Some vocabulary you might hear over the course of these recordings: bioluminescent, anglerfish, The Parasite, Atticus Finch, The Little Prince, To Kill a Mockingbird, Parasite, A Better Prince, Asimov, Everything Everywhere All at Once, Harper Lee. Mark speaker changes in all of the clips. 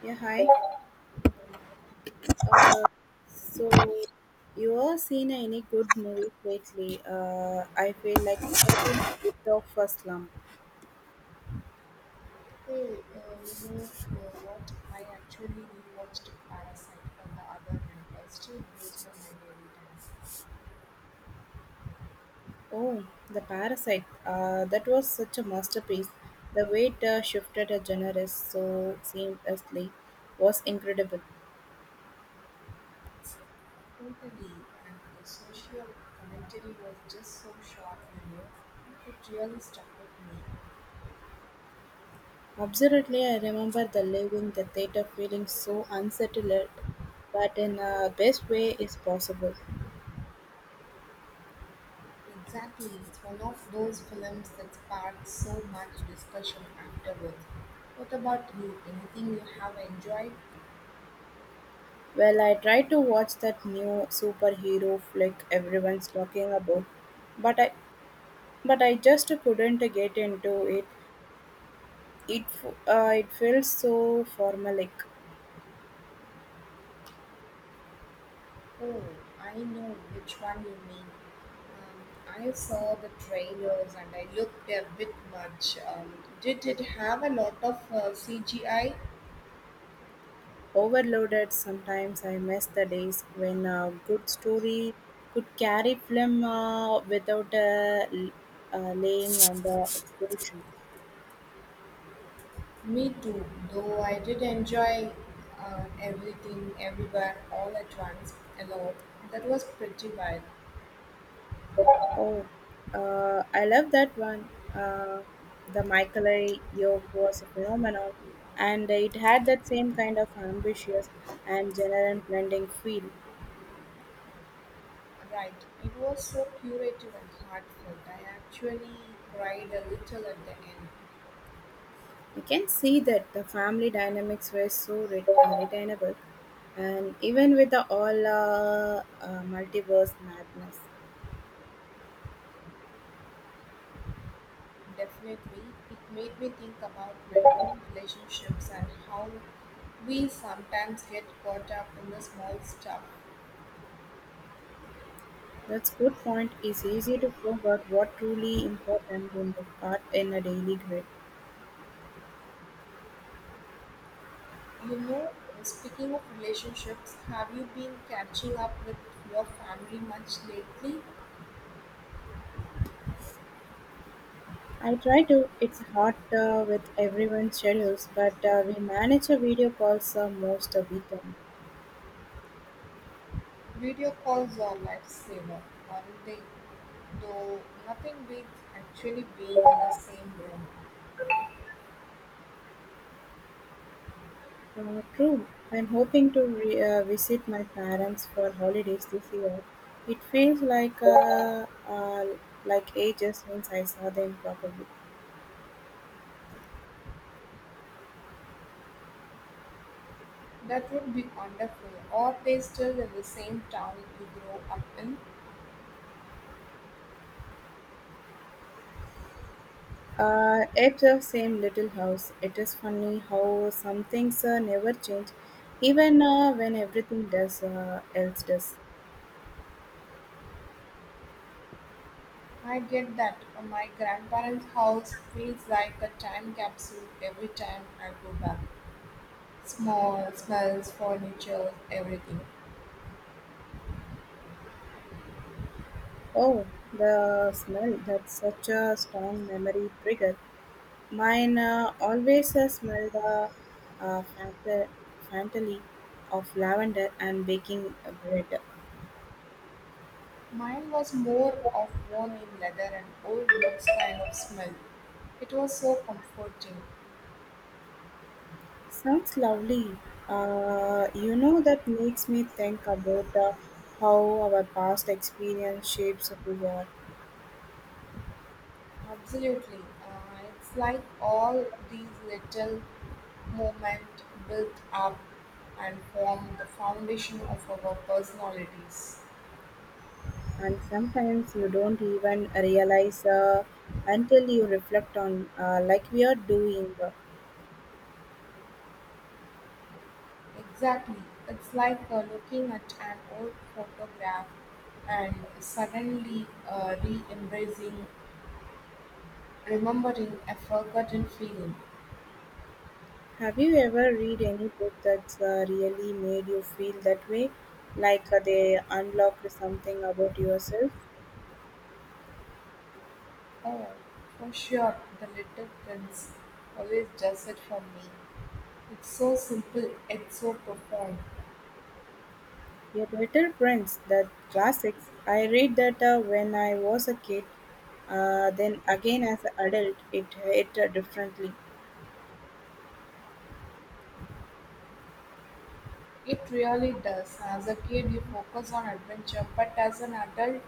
Speaker 1: Yeah, hi. Uh, so, you all seen any good movies lately? I feel like I've been a bit of a slump.
Speaker 2: Hey, you know what? I actually rewatched Parasite on the other hand. I still blows my mind every time.
Speaker 1: Oh, The Parasite. That was such a masterpiece. The way it shifted a genre so seamlessly was incredible.
Speaker 2: Totally, and the social commentary was just so sharp, It really stuck with me.
Speaker 1: Absolutely, I remember the leaving the theater feeling so unsettled, but in the best way is possible.
Speaker 2: Exactly, it's one of those films that sparked so much discussion afterwards. What about you? Anything you have enjoyed?
Speaker 1: Well, I tried to watch that new superhero flick everyone's talking about, but I but I just couldn't get into it. It feels so formalic,
Speaker 2: Oh, I know which one you mean. I saw the trailers and I looked a bit much. Did it have a lot of CGI?
Speaker 1: overloaded. Sometimes I miss the days when a good story could carry film without laying on the explosion.
Speaker 2: Me too, though I did enjoy everything, everywhere, all at once, a lot. That was pretty wild.
Speaker 1: Oh, I love that one. Uh, the Michael A. York was a phenomenon, and it had that same kind of ambitious and general blending feel.
Speaker 2: Right, it was so curative and heartfelt. I actually cried a little at the end.
Speaker 1: I can see that the family dynamics were so retainable, and even with the all multiverse madness.
Speaker 2: Definitely, it made me think about my own relationships and how we sometimes get caught up in the small stuff.
Speaker 1: That's good point. It's easy to forget what truly important in the part in a daily grid.
Speaker 2: You know, speaking of relationships, have you been catching up with your family much lately?
Speaker 1: I try to. It's hard with everyone's schedules, but we manage a video calls most of weekend.
Speaker 2: Video calls are lifesaver, aren't they? Though nothing beats actually being in the same room.
Speaker 1: True. I'm hoping to visit my parents for holidays this year. It feels like ages since I saw them properly.
Speaker 2: That would be wonderful. Are they still in the same town you grew up in?
Speaker 1: At the same little house, it is funny how some things never change, even when everything does else does.
Speaker 2: I get that. My grandparents' house feels like a time capsule every time I go back. Small smells, furniture, everything.
Speaker 1: Oh, the smell. That's such a strong memory trigger. Mine always smell the uh, fanta- fantasy of lavender and baking bread.
Speaker 2: Mine was more of worn in leather and old books kind of smell. It was so comforting.
Speaker 1: Sounds lovely. You know, that makes me think about how our past experience shapes who we are.
Speaker 2: Absolutely. It's like all these little moments built up and form the foundation of our personalities.
Speaker 1: And sometimes you don't even realize until you reflect on, like we are doing.
Speaker 2: Exactly. It's like looking at an old photograph and suddenly, remembering a forgotten feeling.
Speaker 1: Have you ever read any book that's really made you feel that way? Like they unlocked something about yourself?
Speaker 2: Oh, for sure, the little prince always does it for me. It's so simple, it's so profound.
Speaker 1: A Better Prince, the classics. I read that when I was a kid. Then again, as an adult, it hit differently.
Speaker 2: It really does. As a kid, you focus on adventure, but as an adult,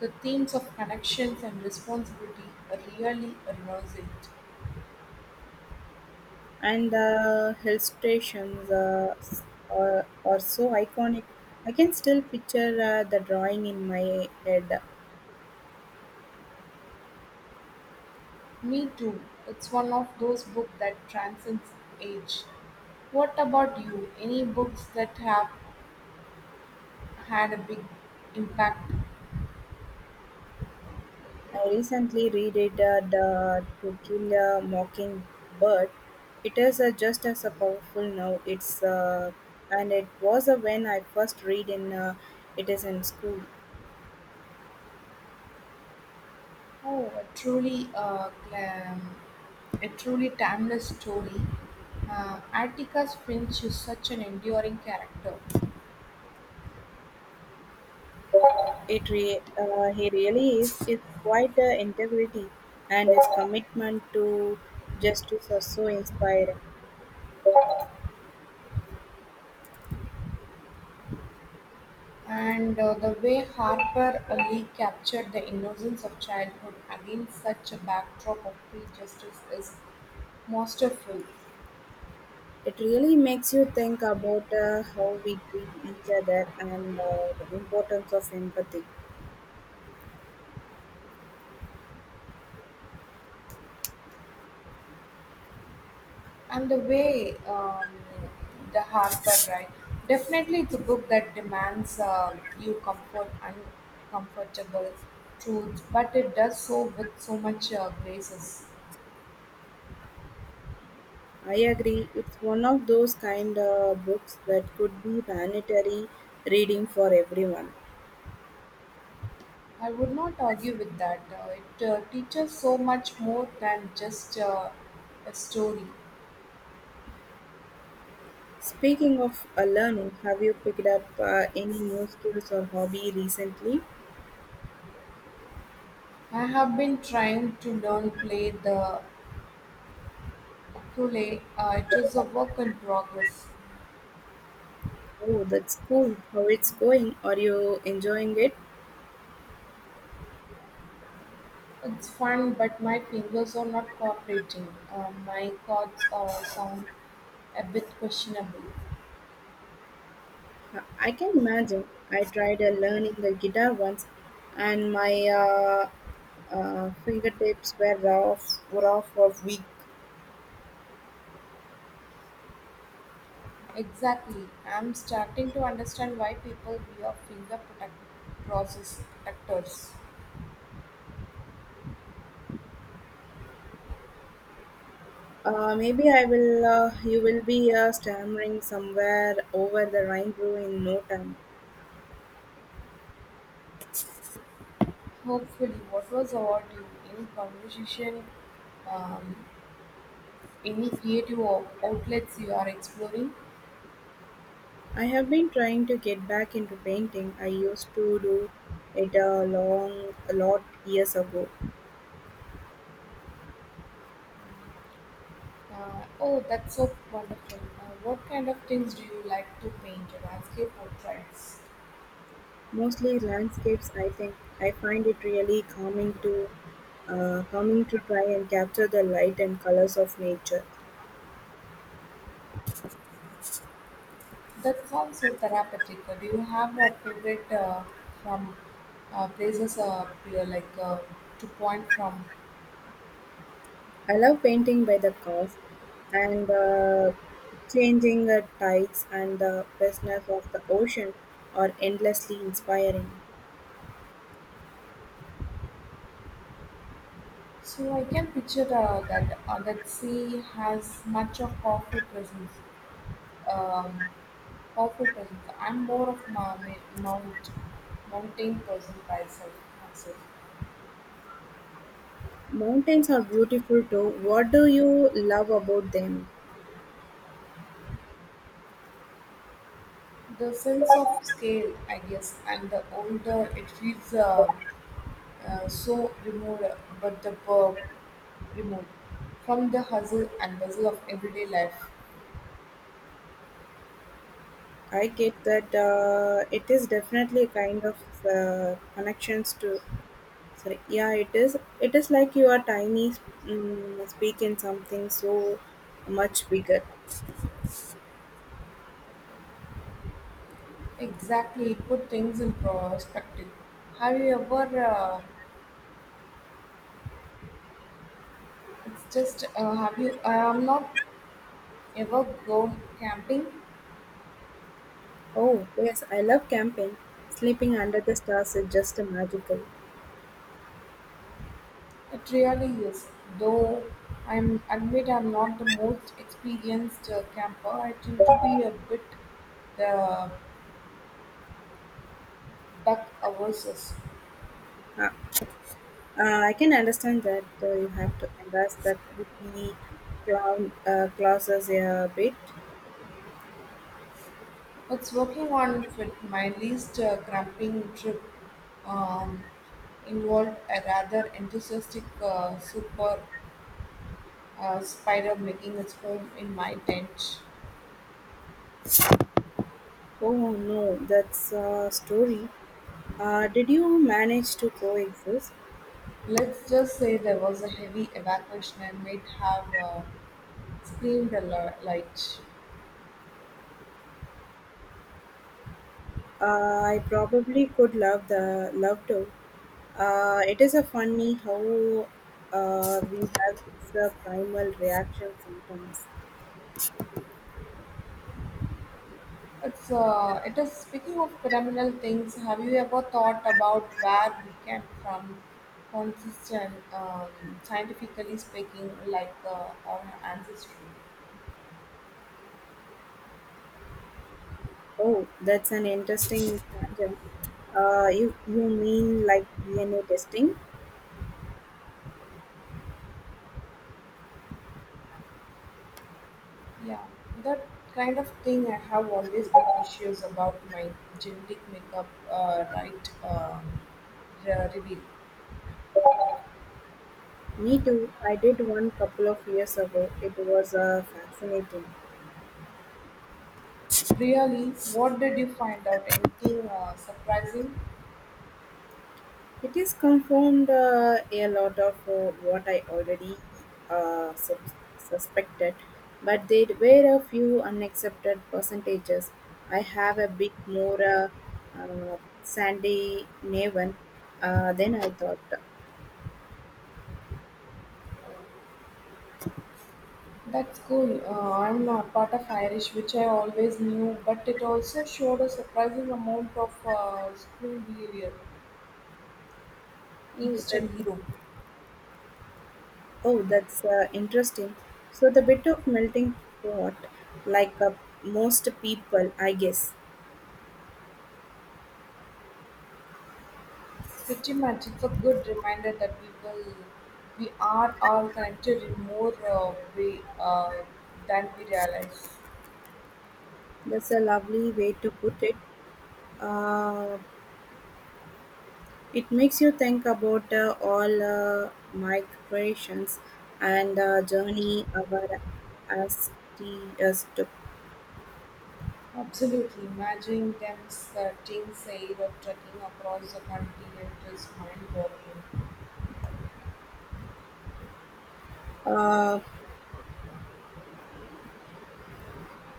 Speaker 2: the themes of connections and responsibility really emerge.
Speaker 1: And the hill stations are so iconic. I can still picture the drawing in my head.
Speaker 2: Me too. It's one of those books that transcends age. What about you? Any books that have had a big impact?
Speaker 1: I recently reread the To Kill a Mockingbird. It is just as a powerful now. It's and it was when I first read in it is in school.
Speaker 2: Oh, a truly, uh, um, a truly timeless story. Atticus Finch is such an enduring character,
Speaker 1: He really is. It's quite integrity and his commitment to justice are so inspiring.
Speaker 2: and the way Harper Lee captured the innocence of childhood against such a backdrop of prejudice is masterful.
Speaker 1: It really makes you think about how we treat each other and the importance of empathy.
Speaker 2: And the way the Harper, right? Definitely, it's a book that demands you comfort uncomfortable truths, but it does so with so much graces.
Speaker 1: I agree, it's one of those kind of books that could be mandatory reading for everyone.
Speaker 2: I would not argue with that. It teaches so much more than just a story.
Speaker 1: Speaking of learning, have you picked up any new skills or hobby recently?
Speaker 2: I have been trying to learn play the ukulele. It is a work in progress.
Speaker 1: Oh, that's cool. How it's going? Are you enjoying it?
Speaker 2: It's fun, but my fingers are not cooperating. My chords are sound a bit questionable.
Speaker 1: I can imagine. I tried learning the guitar once, and my fingertips were off for weeks.
Speaker 2: Exactly. I'm starting to understand why people wear process protectors.
Speaker 1: Maybe I will. You will be stammering somewhere over the rainbow in no time.
Speaker 2: Hopefully, what was about you? Any conversation? Um, any creative outlets you are exploring?
Speaker 1: I have been trying to get back into painting. I used to do it a long, a lot years ago.
Speaker 2: Oh, that's so wonderful. What kind of things do you like to paint? Landscape portraits?
Speaker 1: Mostly landscapes. I think I find it really calming calming to try and capture the light and colors of nature.
Speaker 2: That sounds so therapeutic. Do you have a favorite from places you like to point from?
Speaker 1: I love painting by the cause and changing the tides and the vastness of the ocean are endlessly inspiring.
Speaker 2: So I can picture that sea has much of powerful presence. Um, I'm more of mountain person myself.
Speaker 1: Mountains are beautiful too. What do you love about them?
Speaker 2: The sense of scale, I guess, and the older it feels. So removed, but the verb removed from the hustle and bustle of everyday life.
Speaker 1: I get that it is definitely a kind of connections to. Sorry, yeah, it is. It is like you are tiny, speaking something so much bigger.
Speaker 2: Exactly, put things in perspective. Have you ever? It's just have you? I am not ever gone camping.
Speaker 1: Oh yes, I love camping. Sleeping under the stars is just magical.
Speaker 2: It really is, though. I'm admit I'm not the most experienced camper. I tend to be a bit the buck averses.
Speaker 1: Uh, I can understand that you have to embrace that would-be clown classes a bit.
Speaker 2: It's working on fit. My least cramping trip um, involved a rather enthusiastic super spider making its home in my tent.
Speaker 1: Oh no, that's a story. Did you manage to coexist?
Speaker 2: Let's just say there was a heavy evacuation and might have screamed a light.
Speaker 1: I probably could love the love to. It is a funny how we have this primal reaction sometimes.
Speaker 2: It is speaking of criminal things. Have you ever thought about where we came from? Consistent, scientifically speaking, like our ancestry.
Speaker 1: Oh, that's an interesting tangent. You mean like DNA testing?
Speaker 2: Yeah, that kind of thing I have always been issues about my genetic makeup, right? Reveal.
Speaker 1: Me too. I did one couple of years ago. It was fascinating.
Speaker 2: Really, what did you find out? Anything surprising?
Speaker 1: It is confirmed a lot of what I already suspected, but there were a few unaccepted percentages. I have a bit more sandy naven than I thought.
Speaker 2: That's cool. I'm a part of Irish, which I always knew, but it also showed a surprising amount of school behavior,
Speaker 1: Oh, that,
Speaker 2: Eastern Europe.
Speaker 1: oh that's interesting. So the bit of melting pot, like most people, I guess.
Speaker 2: Pretty much, it's a good reminder that people we are all connected in more way than we realize.
Speaker 1: That's a lovely way to put it. Uh, it makes you think about all migrations and journey our as to.
Speaker 2: Absolutely, imagine them starting, say, or trekking across the continent is mind-boggling.
Speaker 1: Uh,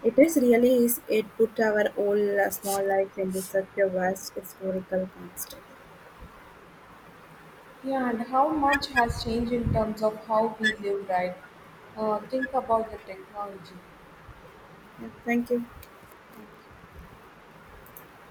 Speaker 1: it is really is it put our whole small life into such a vast historical context.
Speaker 2: Yeah, and how much has changed in terms of how we live, right? Think about the technology.
Speaker 1: Yeah, thank you.